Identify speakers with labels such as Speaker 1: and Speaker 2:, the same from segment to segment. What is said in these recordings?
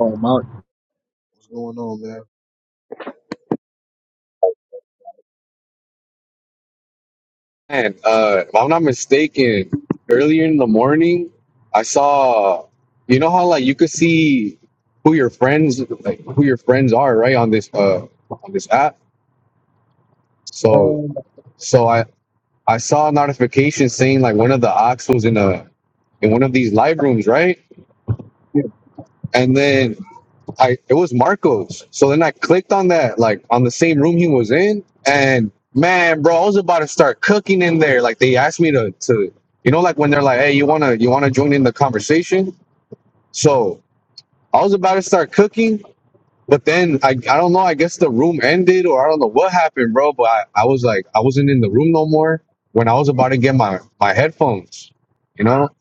Speaker 1: Oh, Mark, what's going on, man?
Speaker 2: And uh, if I'm not mistaken, earlier in the morning, I saw, you know how like you could see who your friends, like who your friends are, right on this uh on this app. So
Speaker 1: Um,
Speaker 2: so I I saw a notification saying like one of the ox was in a in one of these live rooms, right?
Speaker 1: yeah,
Speaker 2: And then I it was Marcos. So then I clicked on that, like on the same room he was in, and man, bro, I was about to start cooking in there. Like they asked me to to you know, like when they're like, Hey, you wanna you wanna join in the conversation? So I was about to start cooking, but then I I don't know, I guess the room ended or I don't know what happened, bro. But I, I was like I wasn't in the room no more when I was about to get my, my headphones, you know,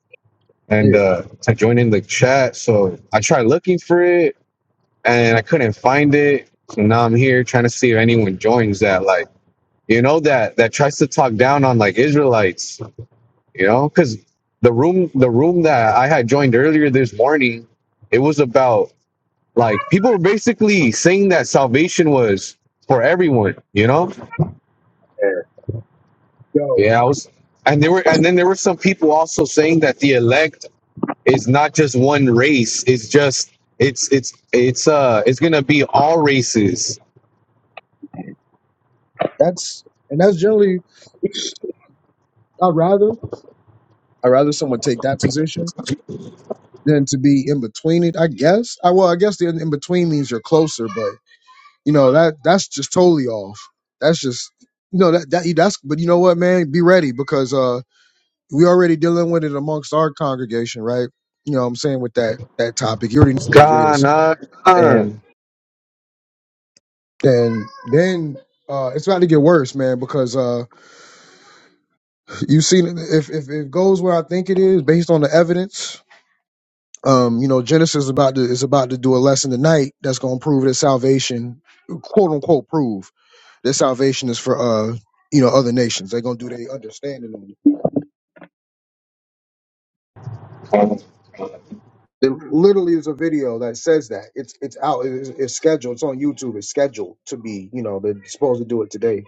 Speaker 1: yeah,
Speaker 2: and uh to join in the chat. So I tried looking for it and I couldn't find it. So now I'm here trying to see if anyone joins that, like, you know, that that tries to talk down on like Israelites, you know, because the room the room that I had joined earlier this morning, it was about like people were basically saying that salvation was for everyone, you know?
Speaker 1: yeah. Yo,
Speaker 2: Yeah, I was and there were and then there were some people also saying that the elect is not just one race, it's just it's it's it's uh it's gonna be all races
Speaker 1: that's and that's generally I rather I rather someone take that position than to be in between it. I guess. I well, I guess the in between means you're closer, but you know that that's just totally off. That's just you know that that that's. But you know what, man? Be ready because uh, we already dealing with it amongst our congregation, right? You know what I'm saying with that that topic. You already know what it
Speaker 2: Gone
Speaker 1: is,
Speaker 2: uh, uh,
Speaker 1: and and then uh, it's about to get worse, man, because. uh You see, if if it goes where I think it is, based on the evidence, um, you know, Genesis is about to is about to do a lesson tonight that's gonna prove that salvation, quote unquote, prove that salvation is for uh, you know, other nations. They're gonna do their understanding on it. There literally is a video that says that it's it's out. It's, it's scheduled. It's on YouTube. It's scheduled to be. You know, they're supposed to do it today.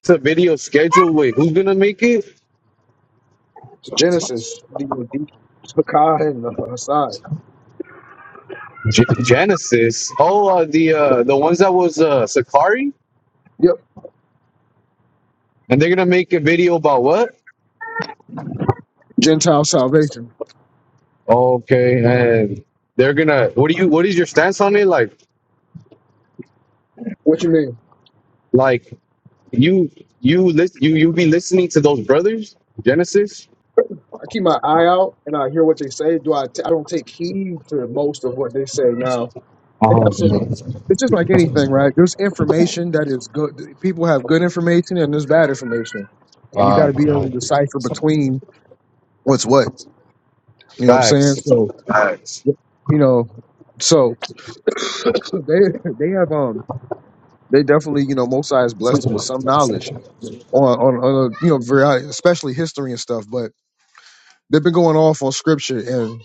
Speaker 2: It's a video schedule. Wait, who's gonna make it?
Speaker 1: Genesis, the Zakai and uh, Aside.
Speaker 2: G- Genesis. Oh, uh, the uh, the ones that was uh, Sakari,
Speaker 1: Yep,
Speaker 2: and they're gonna make a video about what?
Speaker 1: Gentile salvation.
Speaker 2: Okay, and they're gonna. What do you? What is your stance on it? Like,
Speaker 1: What you mean?
Speaker 2: like you you lis- you you be listening to those brothers? Genesis.
Speaker 1: I keep my eye out and I hear what they say. Do I? T- I don't take heed to most of what they say now. Yeah,
Speaker 2: Oh,
Speaker 1: So it's just like anything, right? There's information that is good. People have good information and there's bad information, and you got
Speaker 2: uh,
Speaker 1: to be able to decipher between what's what. You know what I'm saying?
Speaker 2: facts,
Speaker 1: So
Speaker 2: facts.
Speaker 1: you know, so they they have um they definitely you know Mosai has blessed them with some knowledge on on, on a, you know variety, especially history and stuff. But they've been going off on scripture, and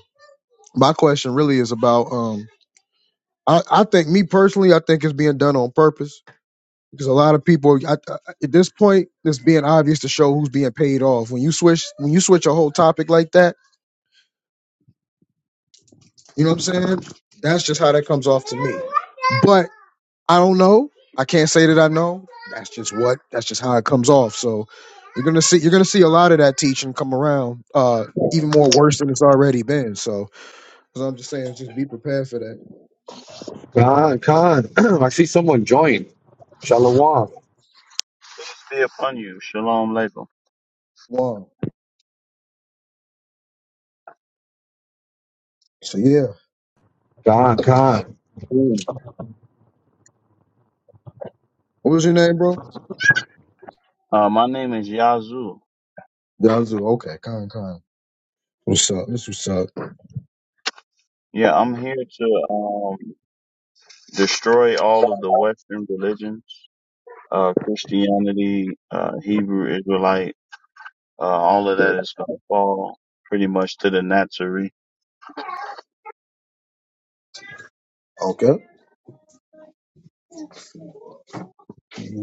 Speaker 1: my question really is about um. I, I think me personally, I think it's being done on purpose because a lot of people I, I- at this point, it's being obvious to show who's being paid off. When you switch, when you switch a whole topic like that, you know what I'm saying? That's just how that comes off to me. But I don't know. I can't say that I know. That's just what. That's just how it comes off. So you're gonna see. You're gonna see a lot of that teaching come around. Uh, even more worse than it's already been. So, 'cause I'm just saying, just be prepared for that.
Speaker 2: Con, con. I see someone join. Shalom.
Speaker 3: be upon you. Shalom Aleichem.
Speaker 1: Wow. So yeah.
Speaker 2: Con, con.
Speaker 1: Ooh. What was your name, bro?
Speaker 3: Uh, my name is Yazoo.
Speaker 1: Yazoo, okay, con con. What's up? This what's up.
Speaker 3: Yeah, I'm here to um, destroy all of the Western religions, uh, Christianity, uh, Hebrew, Israelite. Uh, all of that is going to fall pretty much to the Nazarene.
Speaker 1: Okay.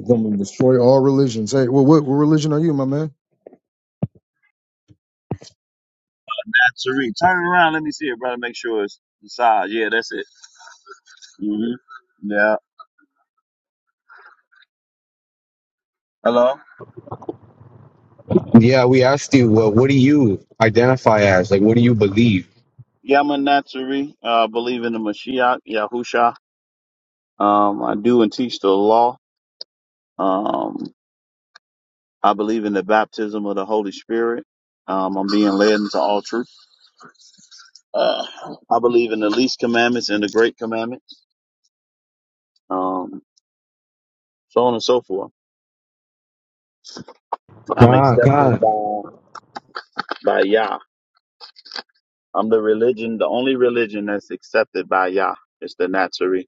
Speaker 1: Gonna destroy all religions. Hey, well, what, what religion are you, my man?
Speaker 3: Nazarene. Turn around. Let me see it, brother. Make sure it's the side. Yeah, that's it. hmm Yeah. Hello?
Speaker 2: Yeah, we asked you, well, what do you identify as? Like, what do you believe?
Speaker 3: Yeah, I'm a Nazarene. Uh, I believe in the Mashiach, Yahusha. Um, I do and teach the law. Um, I believe in the baptism of the Holy Spirit. Um, I'm being led into all truth. Uh, I believe in the least commandments and the great commandments, um, so on and so forth. I'm
Speaker 2: God,
Speaker 3: accepted
Speaker 2: God.
Speaker 3: by, by Yah. I'm the religion, the only religion that's accepted by Yah is the Nazarene.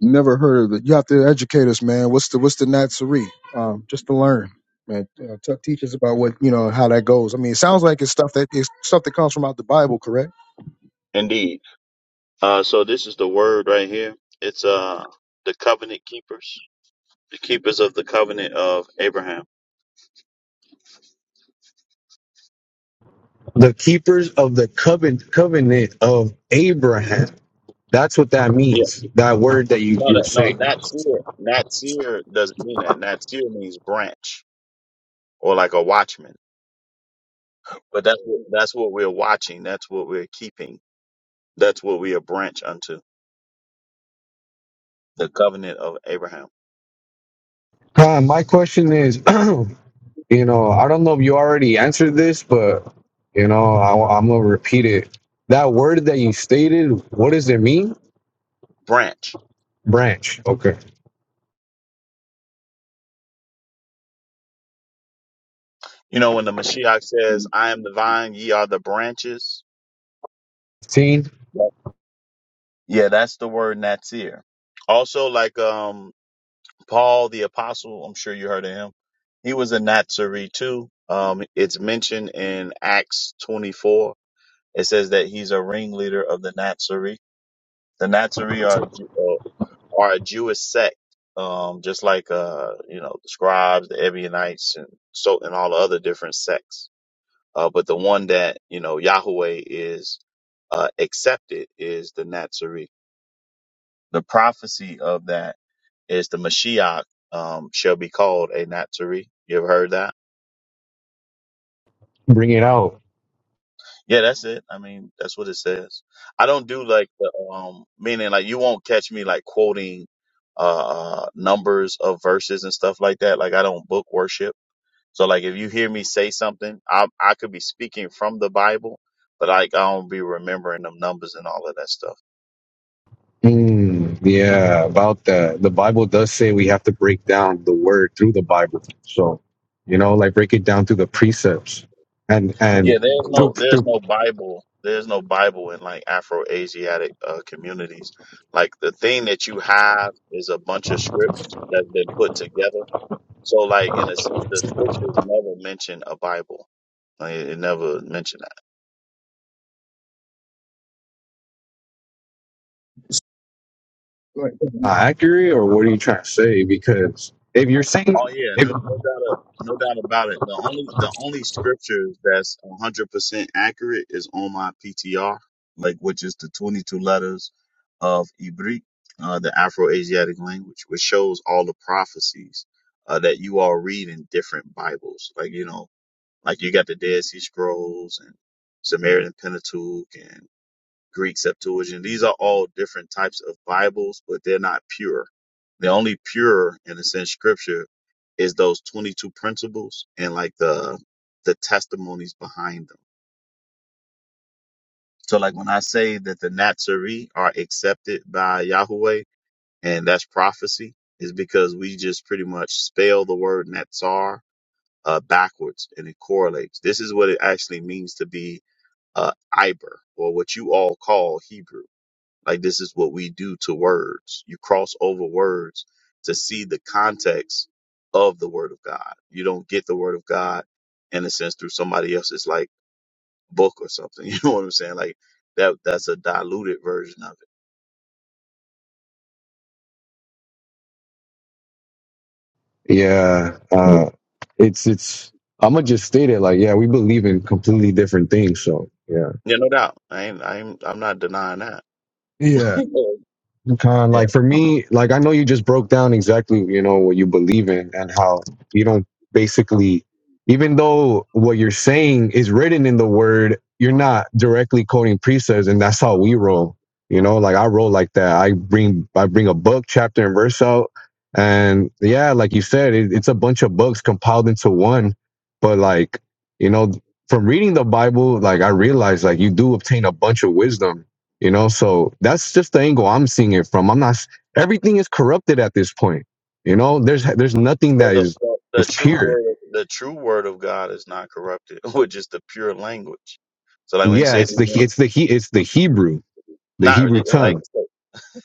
Speaker 1: Never heard of it. You have to educate us, man. What's the what's the Natsuri? Um, just to learn, man. Uh, t- teach us about what you know how that goes. I mean, it sounds like it's stuff that it's stuff that comes from out the Bible, correct?
Speaker 3: Indeed. Uh, so this is the word right here. It's, uh, the covenant keepers, the keepers of the covenant of Abraham.
Speaker 2: The keepers of the covenant, covenant of Abraham. That's what that
Speaker 3: Yeah.
Speaker 2: means. That word that you,
Speaker 3: No,
Speaker 2: you were
Speaker 3: that, no,
Speaker 2: saying.
Speaker 3: Natsir. Natsir doesn't mean that. Natsir means branch. or like a watchman. But that's what, that's what we're watching. That's what we're keeping. That's what we are branch unto the covenant of Abraham.
Speaker 2: God, my question is, you know, I don't know if you already answered this, but, you know, I, I'm going to repeat it. That word that you stated, what does it mean?
Speaker 3: Branch.
Speaker 2: Branch. Okay.
Speaker 3: You know, when the Mashiach says, I am the vine, ye are the branches.
Speaker 2: 15,
Speaker 3: Yep. Yeah, that's the word Natsir. Also, like, um, Paul the apostle, I'm sure you heard of him. He was a Nazarene too. Um, it's mentioned in Acts 24. It says that he's a ringleader of the Nazarene. The Nazarene are, uh, are a Jewish sect, um, just like uh, you know, the scribes, the Ebionites, and so and all the other different sects. Uh, but the one that you know Yahweh is uh, accepted is the Nazarene. The prophecy of that is the Mashiach um, shall be called a Nazarene. You ever heard that?
Speaker 2: bring it out.
Speaker 3: Yeah, that's it. I mean, that's what it says. I don't do like the um, meaning like you won't catch me like quoting uh, uh numbers of verses and stuff like that. Like I don't book worship So like if you hear me say something, I I could be speaking from the Bible, but like I don't be remembering them numbers and all of that stuff.
Speaker 2: Mm, yeah, about that. The Bible does say we have to break down the word through the Bible. So, you know, like break it down through the precepts and
Speaker 3: Yeah,
Speaker 2: and
Speaker 3: there's no
Speaker 2: through
Speaker 3: there's
Speaker 2: through
Speaker 3: no Bible there's no Bible in like Afro Asiatic uh, communities. Like the thing that you have is a bunch of scripts that's been put together. So like in a sense, the scriptures never mention a Bible. Like, it it never mentioned.
Speaker 1: Right.
Speaker 2: uh, accurate or what are you trying to say? Because if you're saying,
Speaker 3: Oh yeah,
Speaker 2: if,
Speaker 3: no, no doubt, a- no doubt about it. The only, the only scriptures that's hundred percent accurate is on my PTR, like which is the twenty-two letters of Ibri, uh, the Afro-Asiatic language, which shows all the prophecies uh, that you all read in different Bibles. Like you know, like you got the Dead Sea Scrolls and Samaritan Pentateuch Greek Septuagint. These are all different types of Bibles, but they're not pure. The only pure, in a sense, scripture is those 22 principles and like the the testimonies behind them. So like when I say that the Nazarene are accepted by Yahweh and that's prophecy is because we just pretty much spell the word Nazar uh, backwards and it correlates. This is what it actually means to be uh, Iber or what you all call Hebrew. Like this is what we do to words. You cross over words to see the context of the word of God. You don't get the word of God in a sense through somebody else's like book or something. You know what I'm saying? Like that that's a diluted version of it.
Speaker 2: yeah, uh, it's it's. I'm gonna just state it like, yeah, we believe in completely different things. So, yeah,
Speaker 3: Yeah, no doubt. I ain't I ain't I'm not denying that.
Speaker 2: yeah. Kind
Speaker 3: Yeah.
Speaker 2: like for me, like I know you just broke down exactly, you know, what you believe in and how you don't basically, even though what you're saying is written in the word, you're not directly quoting precepts, and that's how we roll. You know, like I roll like that. I bring I bring a book, chapter and verse out, and yeah, like you said, it, it's a bunch of books compiled into one. But like, you know, from reading the Bible, like I realized, like you do obtain a bunch of wisdom you know, so that's just the angle I'm seeing it from. I'm not s- everything is corrupted at this point. You know, there's there's nothing
Speaker 3: Well,
Speaker 2: that
Speaker 3: the,
Speaker 2: is
Speaker 3: the, the
Speaker 2: is
Speaker 3: true
Speaker 2: pure.
Speaker 3: word the true word of God is not corrupted, which is the pure language. So like when he
Speaker 2: Yeah,
Speaker 3: says
Speaker 2: it's the it's the he it's the Hebrew, the
Speaker 3: not really,
Speaker 2: Hebrew
Speaker 3: like
Speaker 2: tongue.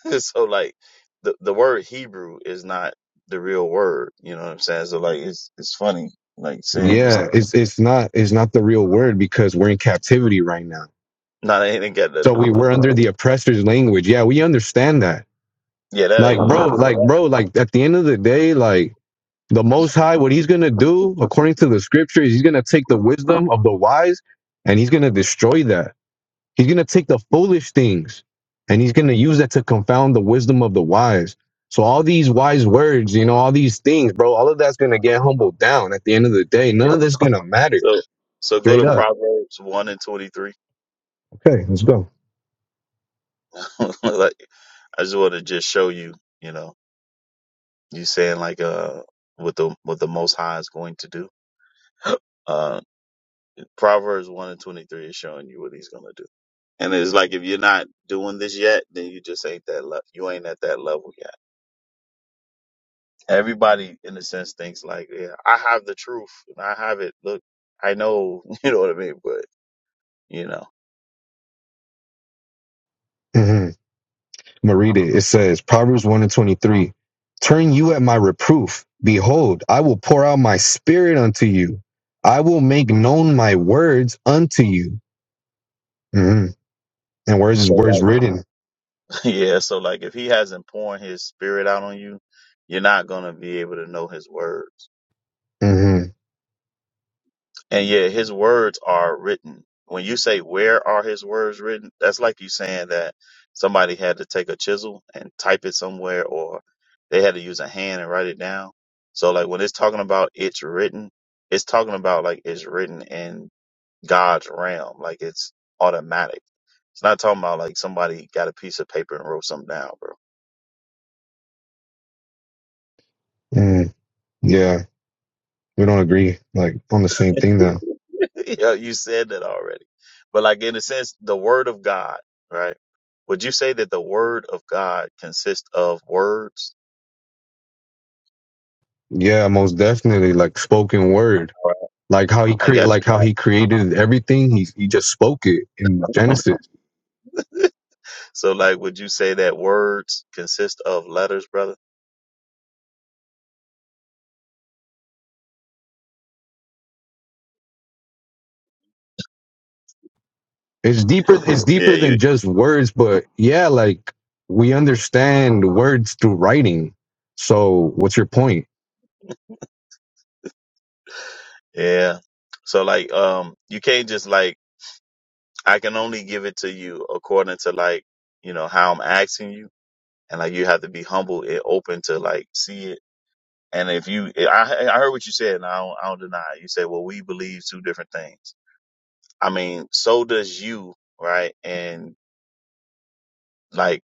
Speaker 3: so like the the word Hebrew is not the real word. You know what I'm saying? So like it's it's funny like saying this.
Speaker 2: Yeah, it's it's not it's not the real word because we're in captivity right now.
Speaker 3: No, that ain't got nothing
Speaker 2: So
Speaker 3: to do
Speaker 2: we
Speaker 3: with. It.
Speaker 2: were under the oppressor's language. Yeah, we understand that.
Speaker 3: Yeah, that
Speaker 2: Like
Speaker 3: ain't what
Speaker 2: bro,
Speaker 3: I'm.
Speaker 2: like bro, like at the end of the day, like the most high, what he's gonna do according to the scripture is he's gonna take the wisdom of the wise and he's gonna destroy that He's going to take the foolish things and he's going to use that to confound the wisdom of the wise. So, all these wise words, you know, all these things, bro, all of that's going to get humbled down at the end of the day. None of this is going to matter
Speaker 3: So so go
Speaker 2: straight
Speaker 3: to
Speaker 2: up.
Speaker 3: Proverbs one and twenty three.
Speaker 2: Okay, let's go.
Speaker 3: like I just want to just show you. You know, you saying like uh what the what the Most High is going to do. Uh, Proverbs one and twenty three is showing you what he's gonna do. And it's like if you're not doing this yet, then you just ain't that le- you ain't at that level yet. everybody in a sense thinks like, yeah, I have the truth and I have it. Look, I know, you know what I mean? But you know,
Speaker 2: hmm I'm going to read it. It says, Proverbs 1 and 23 Turn you at my reproof. Behold, I will pour out my spirit unto you. I will make known my words unto you. hmm And where's his
Speaker 3: so
Speaker 2: words
Speaker 3: like,
Speaker 2: written?
Speaker 3: yeah, so like if he hasn't poured his spirit out on you, you're not going to be able to know his words.
Speaker 2: hmm
Speaker 3: And yeah, his words are written. When you say, where are his words written? That's like you saying that somebody had to take a chisel and type it somewhere or they had to use a hand and write it down. So like when it's talking about it's written, it's talking about like it's written in God's realm. Like it's automatic. It's not talking about like somebody got a piece of paper and wrote something down, bro.
Speaker 2: hmm Yeah. we don't agree like on the same thing though.
Speaker 3: you, know, you said that already. But like in a sense, the word of God, right? Would you say that the word of God consists of words?
Speaker 2: Yeah, most definitely. Like spoken word,
Speaker 3: Right.
Speaker 2: like how he
Speaker 3: I
Speaker 2: create,
Speaker 3: got you.
Speaker 2: like how he created everything. He he just spoke it in Genesis.
Speaker 3: so like would you say that words consist of letters, brother?
Speaker 2: It's deeper. It's
Speaker 3: Yeah,
Speaker 2: deeper
Speaker 3: you
Speaker 2: than just words, but yeah, like we understand words through writing. So what's your point?
Speaker 3: Yeah. So like um you can't just like I can only give it to you according to like, you know, how I'm asking you and like you have to be humble and open to like see it. And if you, I, I heard what you said, and I don't, I don't deny it. You said, well, we believe two different things. I mean, so does you, right? And like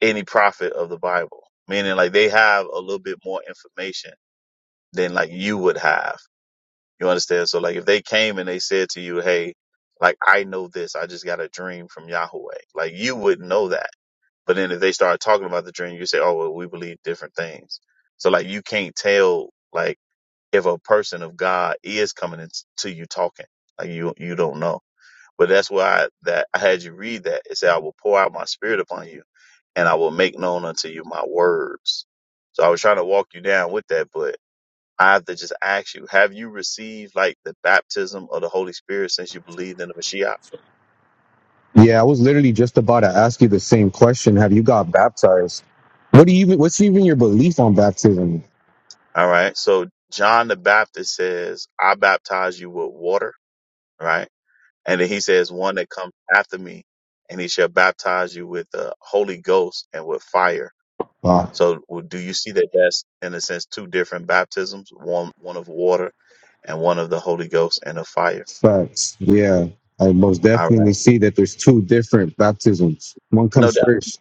Speaker 3: any prophet of the Bible, meaning like they have a little bit more information than like you would have. You understand? So like if they came and they said to you, hey, like I know this, I just got a dream from Yahweh. Like you would know that But then if they start talking about the dream, you say, oh, well, we believe different things. So like you can't tell like if a person of God is coming in to you talking. Like you you don't know. But that's why I, that I had you read that. It said, I will pour out my spirit upon you and I will make known unto you my words. So I was trying to walk you down with that, but I have to just ask you, have you received like the baptism of the Holy Spirit since you believed in the Mashiach?
Speaker 2: Yeah, I was literally just about to ask you the same question. Have you got baptized? What do you? What's even your belief on baptism?
Speaker 3: All right. So John the Baptist says, I baptize you with water right? And then he says, one that comes after me and he shall baptize you with the Holy Ghost and with fire.
Speaker 2: Wow.
Speaker 3: So well, do you see that that's in a sense two different baptisms, one, one of water and one of the Holy Ghost and of fire.
Speaker 2: Facts. Yeah. I most
Speaker 3: All right.
Speaker 2: definitely see that there's two different baptisms. One
Speaker 3: No
Speaker 2: comes
Speaker 3: doubt.
Speaker 2: first.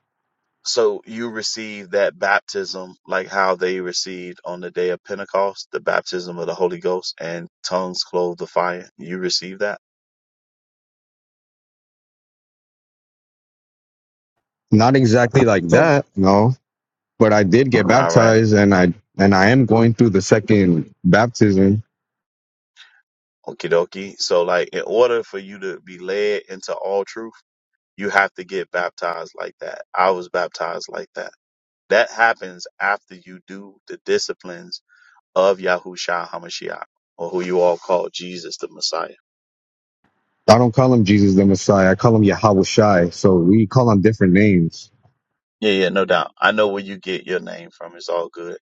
Speaker 3: So you receive that baptism like how they received on the day of Pentecost, the baptism of the Holy Ghost and tongues clothed the fire. You receive that.
Speaker 2: Not exactly like
Speaker 1: Talk.
Speaker 2: that, no. But I did get
Speaker 3: All right.
Speaker 2: baptized and I and I am going through the second baptism.
Speaker 3: Okie dokie. So like in order for you to be led into all truth, You have to get baptized like that. I was baptized like that. That happens after you do the disciplines of Yahushua HaMashiach, or who you all call Jesus the Messiah.
Speaker 2: I don't call him Jesus the Messiah. I call him Yahweh Shai. So we call him different names.
Speaker 3: Yeah, yeah, no doubt. I know where you get your name from. It's all good.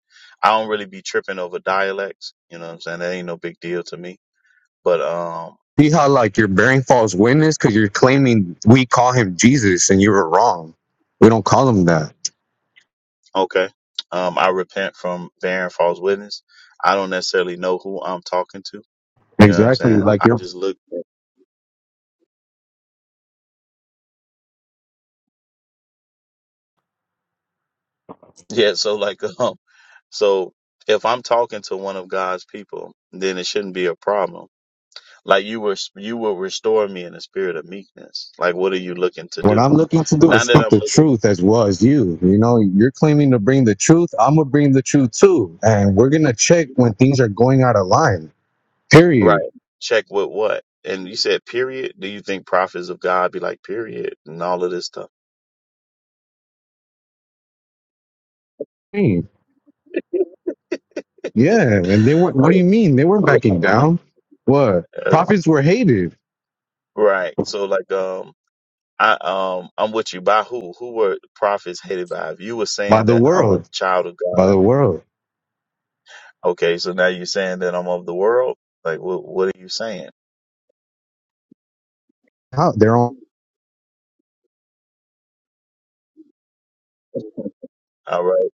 Speaker 3: I don't really be tripping over dialects. You know what I'm saying? That ain't no big deal to me. But, um,
Speaker 2: See how like you're bearing false witness because you're claiming we call him Jesus and you were wrong. We don't call him that.
Speaker 3: okay. Um, I repent from bearing false witness. I don't necessarily know who I'm talking to. You know what I'm
Speaker 2: Exactly.
Speaker 3: saying?
Speaker 2: Like
Speaker 3: I
Speaker 2: you're
Speaker 3: just look. Yeah, so like um so if I'm talking to one of God's people, then it shouldn't be a problem. Like you were you will restore me in the spirit of meekness. Like what are you looking to
Speaker 2: What
Speaker 3: do?
Speaker 2: I'm looking to do is
Speaker 3: Not that
Speaker 2: speak
Speaker 3: I'm
Speaker 2: the
Speaker 3: looking
Speaker 2: truth as well as you. You know, you're claiming to bring the truth. I'm gonna bring the truth too, and we're gonna check when things are going out of line. Period.
Speaker 3: right. Check with what? And you said period. Do you think prophets of God be like period and all of this stuff?
Speaker 2: Hmm. Yeah, and they were. What do you mean they weren't backing down? What
Speaker 3: Uh,
Speaker 2: prophets were hated
Speaker 3: right. So like um I um I'm with you by who? Who were prophets hated by? If you were
Speaker 2: by
Speaker 3: saying
Speaker 2: the
Speaker 3: that I'm a
Speaker 2: world,
Speaker 3: child of God,
Speaker 2: by the world.
Speaker 3: okay, so now you're saying that I'm of the world? Like what what are you saying?
Speaker 2: How they're all.
Speaker 3: All right.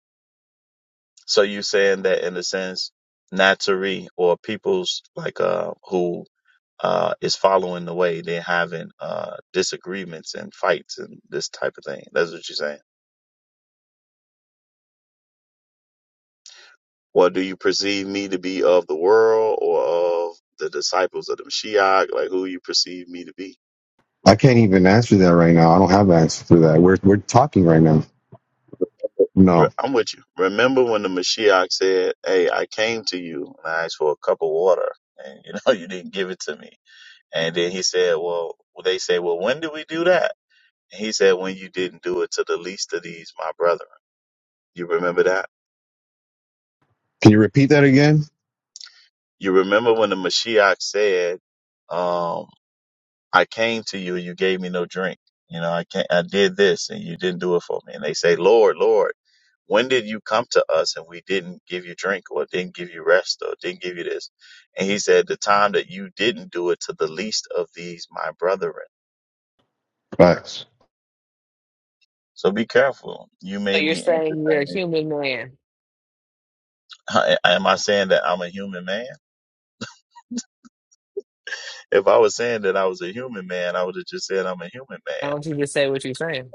Speaker 3: So you saying that in a sense, Natari or peoples like uh who uh is following the way they're having uh disagreements and fights and this type of thing. That's what you're saying. Well, do you perceive me to be of the world or of the disciples of the Mashiach? Like who you perceive me to be?
Speaker 2: I can't even answer that right now. I don't have an answer for that. We're we're talking right now.
Speaker 3: Re-
Speaker 2: No.
Speaker 3: I'm with you. Remember when the Mashiach said, "Hey, I came to you and I asked for a cup of water, and you know you didn't give it to me." And then he said, Well, well, they say, Well, when did we do that? And he said, When you didn't do it to the least of these, my brethren. You remember that?
Speaker 2: Can you repeat that again?
Speaker 3: You remember when the Mashiach said, um, I came to you and you gave me no drink. You know, I can't, I did this and you didn't do it for me. And they say, Lord, Lord, when did you come to us and we didn't give you drink or didn't give you rest or didn't give you this? And he said, the time that you didn't do it to the least of these, my brethren.
Speaker 2: Facts.
Speaker 3: So be careful. You
Speaker 4: So
Speaker 3: may
Speaker 4: you're
Speaker 3: be
Speaker 4: saying you're a
Speaker 3: entertaining.
Speaker 4: human man.
Speaker 3: I- Am I saying that I'm a human man? If I was saying that I was a human man, I would have just said I'm a human
Speaker 4: Why
Speaker 3: man.
Speaker 4: don't you just say what you're saying?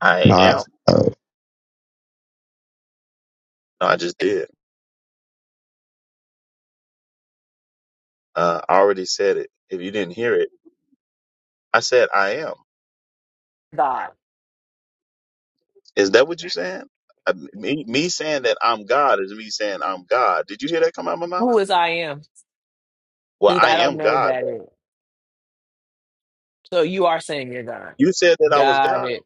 Speaker 3: I
Speaker 2: Nah.
Speaker 3: am. No, I just did. Uh, I already said it. If you didn't hear it, I said I am.
Speaker 4: God.
Speaker 3: Is that what you're saying? Uh, me, me saying that I'm God is me saying I'm God. Did you hear that come out of my mouth?
Speaker 4: Who is I am?
Speaker 3: Well,
Speaker 4: Because
Speaker 3: I
Speaker 4: I don't
Speaker 3: am
Speaker 4: know
Speaker 3: God.
Speaker 4: that
Speaker 3: Though.
Speaker 4: it. So you are saying you're God.
Speaker 3: You said that I was
Speaker 4: Got
Speaker 3: God.
Speaker 4: it.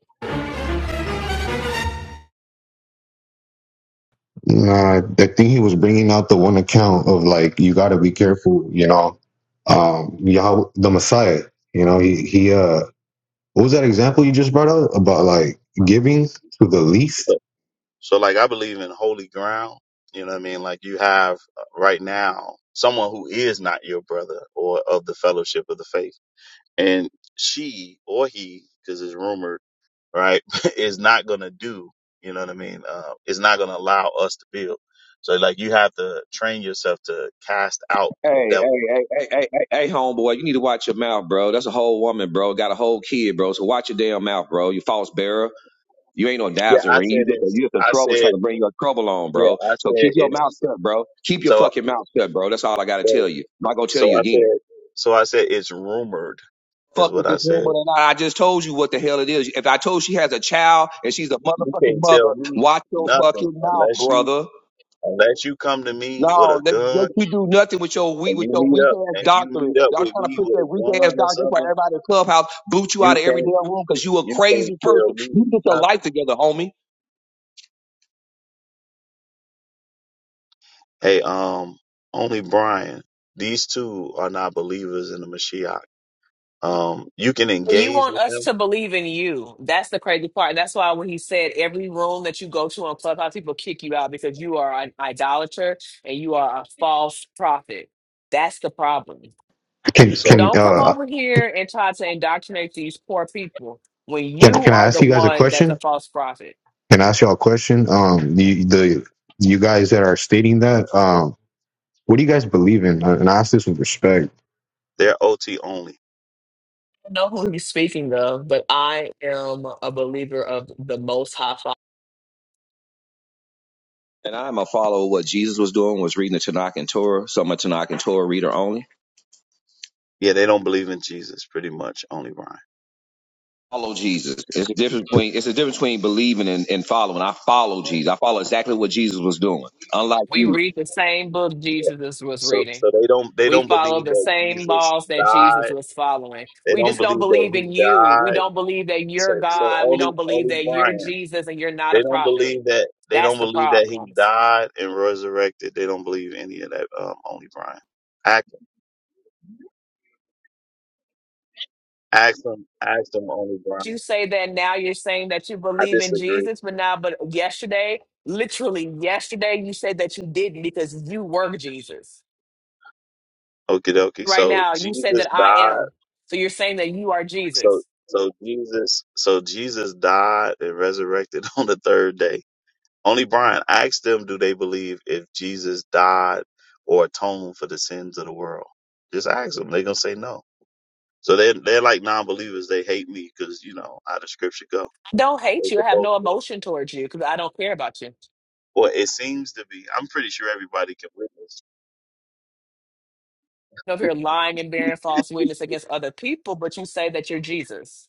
Speaker 2: Nah, I think he was bringing out the one account of like you got to be careful, you know. Um, Yahweh, the Messiah, you know, he he. Uh, what was that example you just brought up about like giving to the least?
Speaker 3: So, so like I believe in holy ground. You know what I mean? Like you have uh, right now someone who is not your brother or of the fellowship of the faith and she or he, because it's rumored, right, is not gonna do. You know what I mean? Uh, is not gonna allow us to build. So like, you have to train yourself to cast out the
Speaker 5: Hey, hey,
Speaker 3: devil.
Speaker 5: hey, hey, hey, hey, hey, homeboy, you need to watch your mouth, bro. That's a whole woman, bro. Got a whole kid, bro. So watch your damn mouth, bro. You false bearer. You ain't no
Speaker 3: Yeah, I
Speaker 5: dazzling.
Speaker 3: said
Speaker 5: You just a,
Speaker 3: it's.
Speaker 5: you just a
Speaker 3: I
Speaker 5: trouble trying
Speaker 3: said
Speaker 5: to bring your trouble on,
Speaker 3: yeah.
Speaker 5: bro.
Speaker 3: I
Speaker 5: So
Speaker 3: said
Speaker 5: keep your mouth
Speaker 3: it's.
Speaker 5: shut, bro. Keep your
Speaker 3: So
Speaker 5: fucking mouth shut, bro. That's all I gotta
Speaker 3: so
Speaker 5: tell you. I'm not gonna tell you
Speaker 3: so I said
Speaker 5: again.
Speaker 3: so I said it's rumored is
Speaker 5: Fuck
Speaker 3: what
Speaker 5: with this
Speaker 3: I said.
Speaker 5: woman or not. I just told you what the hell it is. If I told she has a child and she's a
Speaker 3: You
Speaker 5: motherfucking
Speaker 3: can't
Speaker 5: mother,
Speaker 3: tell me
Speaker 5: watch your fucking
Speaker 3: nothing
Speaker 5: mouth,
Speaker 3: unless you
Speaker 5: brother.
Speaker 3: unless you come to me with a
Speaker 5: No, let, let
Speaker 3: gun
Speaker 5: you do nothing with your weak
Speaker 3: and
Speaker 5: with
Speaker 3: you
Speaker 5: your
Speaker 3: meet
Speaker 5: weak
Speaker 3: up
Speaker 5: ass
Speaker 3: and you
Speaker 5: doctrine.
Speaker 3: meet up
Speaker 5: Y'all
Speaker 3: with
Speaker 5: trying to
Speaker 3: me
Speaker 5: push
Speaker 3: with
Speaker 5: that
Speaker 3: a
Speaker 5: weak ass
Speaker 3: gun or
Speaker 5: doctrine. That's why
Speaker 3: something
Speaker 5: everybody in the clubhouse boot you out
Speaker 3: You
Speaker 5: of every
Speaker 3: can't
Speaker 5: damn room because you a
Speaker 3: you can't
Speaker 5: crazy
Speaker 3: tell
Speaker 5: person.
Speaker 3: me
Speaker 5: You get your life
Speaker 3: nothing.
Speaker 5: together, homie.
Speaker 3: Hey, um, only Brian. These two are not believers in the Mashiach. Um, you can
Speaker 4: Well, you
Speaker 3: engage
Speaker 4: want
Speaker 3: with
Speaker 4: us
Speaker 3: them,
Speaker 4: to believe in you. That's the crazy part. That's why when he said every room that you go to on Clubhouse, people kick you out because you are an idolater and you are a false prophet. That's the problem.
Speaker 2: Can
Speaker 4: So
Speaker 3: so
Speaker 2: can
Speaker 4: don't come
Speaker 2: uh
Speaker 4: over here and try to indoctrinate these poor people when
Speaker 2: can
Speaker 4: you
Speaker 2: can I
Speaker 4: are the
Speaker 2: ask you guys a
Speaker 4: one that's a
Speaker 2: question?
Speaker 4: false prophet.
Speaker 2: Can I ask y'all a question? Um, the the you guys that are stating that, um, what do you guys believe in? And I ask this with respect.
Speaker 3: they're OT only.
Speaker 4: know who he's speaking of, but I am a believer of the Most High Father.
Speaker 5: And I'm a follower of what Jesus was doing was reading the Tanakh and Torah. So I'm a Tanakh and Torah reader only.
Speaker 3: Yeah, they don't believe in Jesus, pretty much. Only Brian.
Speaker 5: Follow Jesus. It's a difference between it's a difference between believing and, and following. I follow Jesus. I follow exactly what Jesus was doing. Unlike
Speaker 4: We
Speaker 5: you.
Speaker 4: read the same book
Speaker 3: Yeah.
Speaker 4: Jesus is- was
Speaker 3: So
Speaker 4: reading.
Speaker 3: so they don't they
Speaker 4: We
Speaker 3: don't
Speaker 4: follow
Speaker 3: believe
Speaker 4: the
Speaker 3: that
Speaker 4: same
Speaker 3: Jesus
Speaker 4: laws that Jesus
Speaker 3: died.
Speaker 4: was following.
Speaker 3: They
Speaker 4: We
Speaker 3: don't
Speaker 4: just don't
Speaker 3: believe that
Speaker 4: believe
Speaker 3: he
Speaker 4: in you. We
Speaker 3: died.
Speaker 4: don't believe that you're
Speaker 3: So so
Speaker 4: God. We
Speaker 3: only
Speaker 4: don't believe
Speaker 3: only
Speaker 4: that you're
Speaker 3: Brian.
Speaker 4: Jesus and you're not a
Speaker 3: They don't
Speaker 4: prophet.
Speaker 3: believe that they
Speaker 4: That's
Speaker 3: don't
Speaker 4: the
Speaker 3: believe that he
Speaker 4: problem.
Speaker 3: died and resurrected. They don't believe any of that. Um, only Brian. Ask them, ask them on the ground.
Speaker 4: You say that now you're saying that you
Speaker 3: I
Speaker 4: believe in
Speaker 3: disagree.
Speaker 4: Jesus, but now, but yesterday, literally yesterday, you said that you didn't because you were Jesus.
Speaker 3: Okie dokie.
Speaker 4: right
Speaker 3: So
Speaker 4: now, you said
Speaker 3: Jesus
Speaker 4: that I
Speaker 3: died.
Speaker 4: am. So you're saying that you are
Speaker 3: So
Speaker 4: Jesus.
Speaker 3: so Jesus so Jesus died and resurrected on the third day. Only Brian, ask them do they believe if Jesus died or atoned for the sins of the world? Just ask them. They're gonna say no. So they they're like non believers, they hate me because you know how the scripture go.
Speaker 4: I don't
Speaker 3: They're
Speaker 4: hate you. I have
Speaker 3: supposed
Speaker 4: no
Speaker 3: to.
Speaker 4: emotion towards you because I don't care about you.
Speaker 3: Well, it seems to be. I'm pretty sure everybody can witness.
Speaker 4: You're over here lying and bearing false witness against other people, but you say that you're Jesus.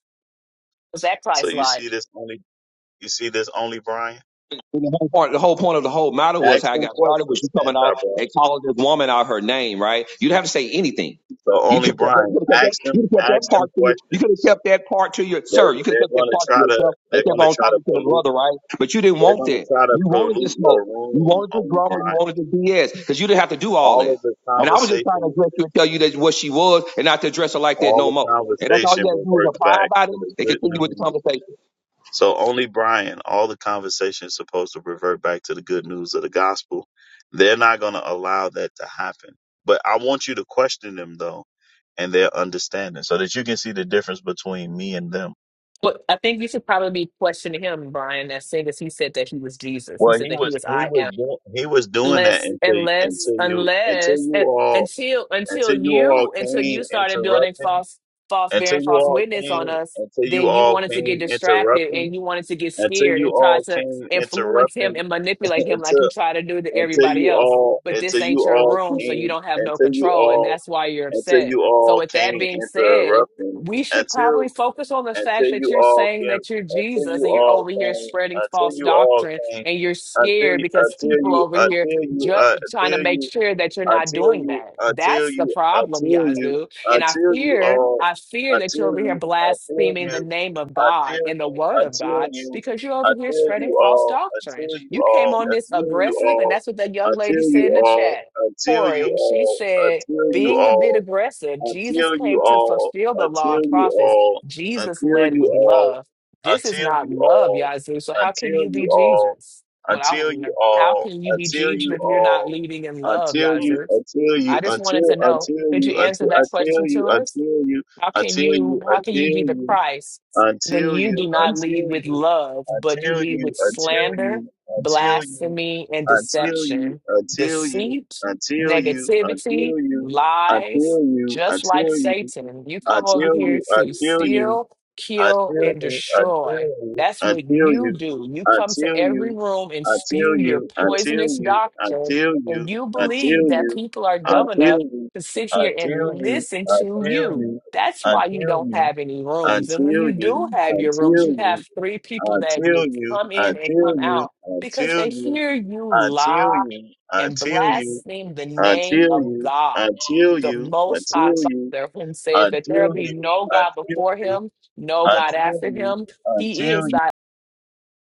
Speaker 4: Was that
Speaker 3: So
Speaker 4: Christ
Speaker 3: you
Speaker 4: like?
Speaker 3: see this only you see this only Brian?
Speaker 5: And the whole point, the whole point of the whole matter was
Speaker 3: Ask
Speaker 5: how I
Speaker 3: them
Speaker 5: got started was
Speaker 3: questions,
Speaker 5: you
Speaker 3: anti
Speaker 5: coming off and
Speaker 3: Brian.
Speaker 5: calling this woman out her name, right? You didn't have to say anything.
Speaker 3: So
Speaker 5: You
Speaker 3: only
Speaker 5: could have kept that, you
Speaker 3: Brian.
Speaker 5: could have kept that,
Speaker 3: Ask
Speaker 5: you
Speaker 3: them
Speaker 5: could have kept that
Speaker 3: ask them
Speaker 5: part to you. You could have
Speaker 3: questions.
Speaker 5: kept that part to your
Speaker 3: They
Speaker 5: sir. You could have
Speaker 3: they're
Speaker 5: kept that
Speaker 3: gonna
Speaker 5: part to
Speaker 3: try to
Speaker 5: yourself and
Speaker 3: they're
Speaker 5: kept
Speaker 3: gonna
Speaker 5: on
Speaker 3: try to
Speaker 5: talking to the
Speaker 3: pollute
Speaker 5: brother, right? But you didn't
Speaker 3: they're
Speaker 5: want
Speaker 3: gonna
Speaker 5: that.
Speaker 3: try to
Speaker 5: You wanted the
Speaker 3: pollute
Speaker 5: smoke.
Speaker 3: your
Speaker 5: You
Speaker 3: room
Speaker 5: wanted the
Speaker 3: only
Speaker 5: drama. You
Speaker 3: Brian.
Speaker 5: wanted the BS because you didn't have to do all
Speaker 3: All
Speaker 5: that.
Speaker 3: of the
Speaker 5: And I was just trying to
Speaker 3: conversation
Speaker 5: address you and tell you that what she was and not to address her like that
Speaker 3: all
Speaker 5: no
Speaker 3: the
Speaker 5: more. And that's all you
Speaker 3: conversation
Speaker 5: got to do is
Speaker 3: reverts
Speaker 5: apply
Speaker 3: back
Speaker 5: by it
Speaker 3: to the
Speaker 5: and
Speaker 3: good
Speaker 5: continue with
Speaker 3: news
Speaker 5: the conversation.
Speaker 3: So only Brian, all the conversation is supposed to revert back to the good news of the gospel. They're not going to allow that to happen. But I want you to question them though and their understanding so that you can see the difference between me and them.
Speaker 4: But I think you should probably be questioning him, Brian, as soon as he said that he was Jesus. He
Speaker 3: Well,
Speaker 4: said
Speaker 3: he
Speaker 4: that he
Speaker 3: was
Speaker 4: was
Speaker 3: he
Speaker 4: I
Speaker 3: was
Speaker 4: am.
Speaker 3: doing he was doing that
Speaker 4: unless
Speaker 3: until
Speaker 4: unless
Speaker 3: until you until
Speaker 4: unless
Speaker 3: you
Speaker 4: and,
Speaker 3: all
Speaker 4: until
Speaker 3: until
Speaker 4: until
Speaker 3: you all
Speaker 4: you until you
Speaker 3: came
Speaker 4: started building
Speaker 3: interrupting
Speaker 4: false false
Speaker 3: until
Speaker 4: bearing
Speaker 3: you
Speaker 4: false
Speaker 3: all
Speaker 4: witness on
Speaker 3: came
Speaker 4: us
Speaker 3: until you
Speaker 4: then you
Speaker 3: all
Speaker 4: wanted to get
Speaker 3: came
Speaker 4: distracted
Speaker 3: interrupting
Speaker 4: and you wanted to get
Speaker 3: until
Speaker 4: scared
Speaker 3: you
Speaker 4: and try
Speaker 3: all
Speaker 4: to
Speaker 3: came
Speaker 4: influence him
Speaker 3: interrupting
Speaker 4: and manipulate him like
Speaker 3: until.
Speaker 4: you try to do to
Speaker 3: until
Speaker 4: everybody
Speaker 3: you
Speaker 4: else
Speaker 3: all
Speaker 4: but this
Speaker 3: until you
Speaker 4: ain't your
Speaker 3: all
Speaker 4: room so you
Speaker 3: came
Speaker 4: don't have no
Speaker 3: until you
Speaker 4: control and
Speaker 3: all
Speaker 4: that's why you're
Speaker 3: until
Speaker 4: upset
Speaker 3: you
Speaker 4: so
Speaker 3: all
Speaker 4: with that
Speaker 3: came
Speaker 4: being said
Speaker 3: interrupting
Speaker 4: we should probably
Speaker 3: until
Speaker 4: focus on the fact
Speaker 3: until
Speaker 4: that
Speaker 3: you
Speaker 4: you're
Speaker 3: all
Speaker 4: saying
Speaker 3: came
Speaker 4: that you're
Speaker 3: until
Speaker 4: Jesus
Speaker 3: you
Speaker 4: and you're
Speaker 3: all
Speaker 4: over here
Speaker 3: came
Speaker 4: spreading
Speaker 3: until
Speaker 4: false
Speaker 3: you all
Speaker 4: doctrine
Speaker 3: came
Speaker 4: and you're
Speaker 3: until
Speaker 4: scared
Speaker 3: you-
Speaker 4: because
Speaker 3: until
Speaker 4: people
Speaker 3: you
Speaker 4: over here
Speaker 3: until you
Speaker 4: ju-
Speaker 3: uh,
Speaker 4: trying to
Speaker 3: until
Speaker 4: make
Speaker 3: you
Speaker 4: sure that you're not
Speaker 3: until
Speaker 4: doing
Speaker 3: you
Speaker 4: that.
Speaker 3: until
Speaker 4: That's the
Speaker 3: you
Speaker 4: problem,
Speaker 3: until you
Speaker 4: Yazoo. And I
Speaker 3: until you
Speaker 4: fear,
Speaker 3: all
Speaker 4: I fear that you're
Speaker 3: until
Speaker 4: over here
Speaker 3: you until you
Speaker 4: blaspheming the name of God
Speaker 3: until
Speaker 4: and the
Speaker 3: you
Speaker 4: word of
Speaker 3: until
Speaker 4: God
Speaker 3: you
Speaker 4: because you're over here
Speaker 3: until
Speaker 4: spreading
Speaker 3: you
Speaker 4: false
Speaker 3: all
Speaker 4: doctrine.
Speaker 3: until you
Speaker 4: You came
Speaker 3: all
Speaker 4: on this
Speaker 3: until you
Speaker 4: aggressive, and
Speaker 3: all
Speaker 4: that's what that young lady
Speaker 3: until
Speaker 4: said
Speaker 3: you
Speaker 4: in the
Speaker 3: all
Speaker 4: chat.
Speaker 3: until you
Speaker 4: Corey, she
Speaker 3: all
Speaker 4: said,
Speaker 3: until you
Speaker 4: being a bit
Speaker 3: all
Speaker 4: aggressive, Jesus
Speaker 3: until
Speaker 4: came
Speaker 3: you
Speaker 4: to
Speaker 3: all
Speaker 4: fulfill the law
Speaker 3: until
Speaker 4: and
Speaker 3: you
Speaker 4: prophets.
Speaker 3: all
Speaker 4: Jesus
Speaker 3: until
Speaker 4: led
Speaker 3: you
Speaker 4: with
Speaker 3: all
Speaker 4: love. This is
Speaker 3: until
Speaker 4: not
Speaker 3: you
Speaker 4: love,
Speaker 3: all
Speaker 4: Yazoo. So how can
Speaker 3: until
Speaker 4: you be
Speaker 3: you all
Speaker 4: Jesus? what I want
Speaker 3: until
Speaker 4: to know.
Speaker 3: you
Speaker 4: How
Speaker 3: all
Speaker 4: can you be
Speaker 3: until
Speaker 4: Jesus
Speaker 3: you
Speaker 4: if you're not
Speaker 3: all
Speaker 4: leading in love,
Speaker 3: until you
Speaker 4: Yazir?
Speaker 3: until
Speaker 4: I
Speaker 3: you
Speaker 4: just wanted
Speaker 3: until
Speaker 4: to know.
Speaker 3: until
Speaker 4: Could you
Speaker 3: you
Speaker 4: answer
Speaker 3: until
Speaker 4: that question
Speaker 3: until
Speaker 4: to
Speaker 3: you
Speaker 4: us?
Speaker 3: until you
Speaker 4: How can
Speaker 3: until
Speaker 4: you
Speaker 3: you
Speaker 4: how
Speaker 3: until
Speaker 4: can you be the
Speaker 3: you
Speaker 4: Christ when you do not lead with love, but you lead with slander, blasphemy, and deception, deceit, negativity, lies, just like Satan. You come over here to steal, kill, and destroy. That's what you do. You come to every room and spew your poisonous doctrine, and you believe that people are dumb enough to sit here and listen to you. That's why you don't have any rooms. And when
Speaker 3: until
Speaker 4: you do
Speaker 3: you,
Speaker 4: have your
Speaker 3: until
Speaker 4: rooms, you have
Speaker 3: you,
Speaker 4: three people that
Speaker 3: until
Speaker 4: just
Speaker 3: you,
Speaker 4: come in and
Speaker 3: until
Speaker 4: come
Speaker 3: you,
Speaker 4: out because
Speaker 3: until
Speaker 4: they
Speaker 3: you,
Speaker 4: hear you
Speaker 3: until
Speaker 4: lie
Speaker 3: you,
Speaker 4: and
Speaker 3: until you,
Speaker 4: blaspheme the name
Speaker 3: until you, until
Speaker 4: of
Speaker 3: you,
Speaker 4: God,
Speaker 3: until
Speaker 4: the Most High
Speaker 3: you,
Speaker 4: Father, whom said that there will
Speaker 3: until
Speaker 4: be
Speaker 3: you,
Speaker 4: no God
Speaker 3: until
Speaker 4: before
Speaker 3: you,
Speaker 4: him, no God
Speaker 3: until
Speaker 4: after
Speaker 3: you,
Speaker 4: him. He is
Speaker 3: until you,
Speaker 4: thy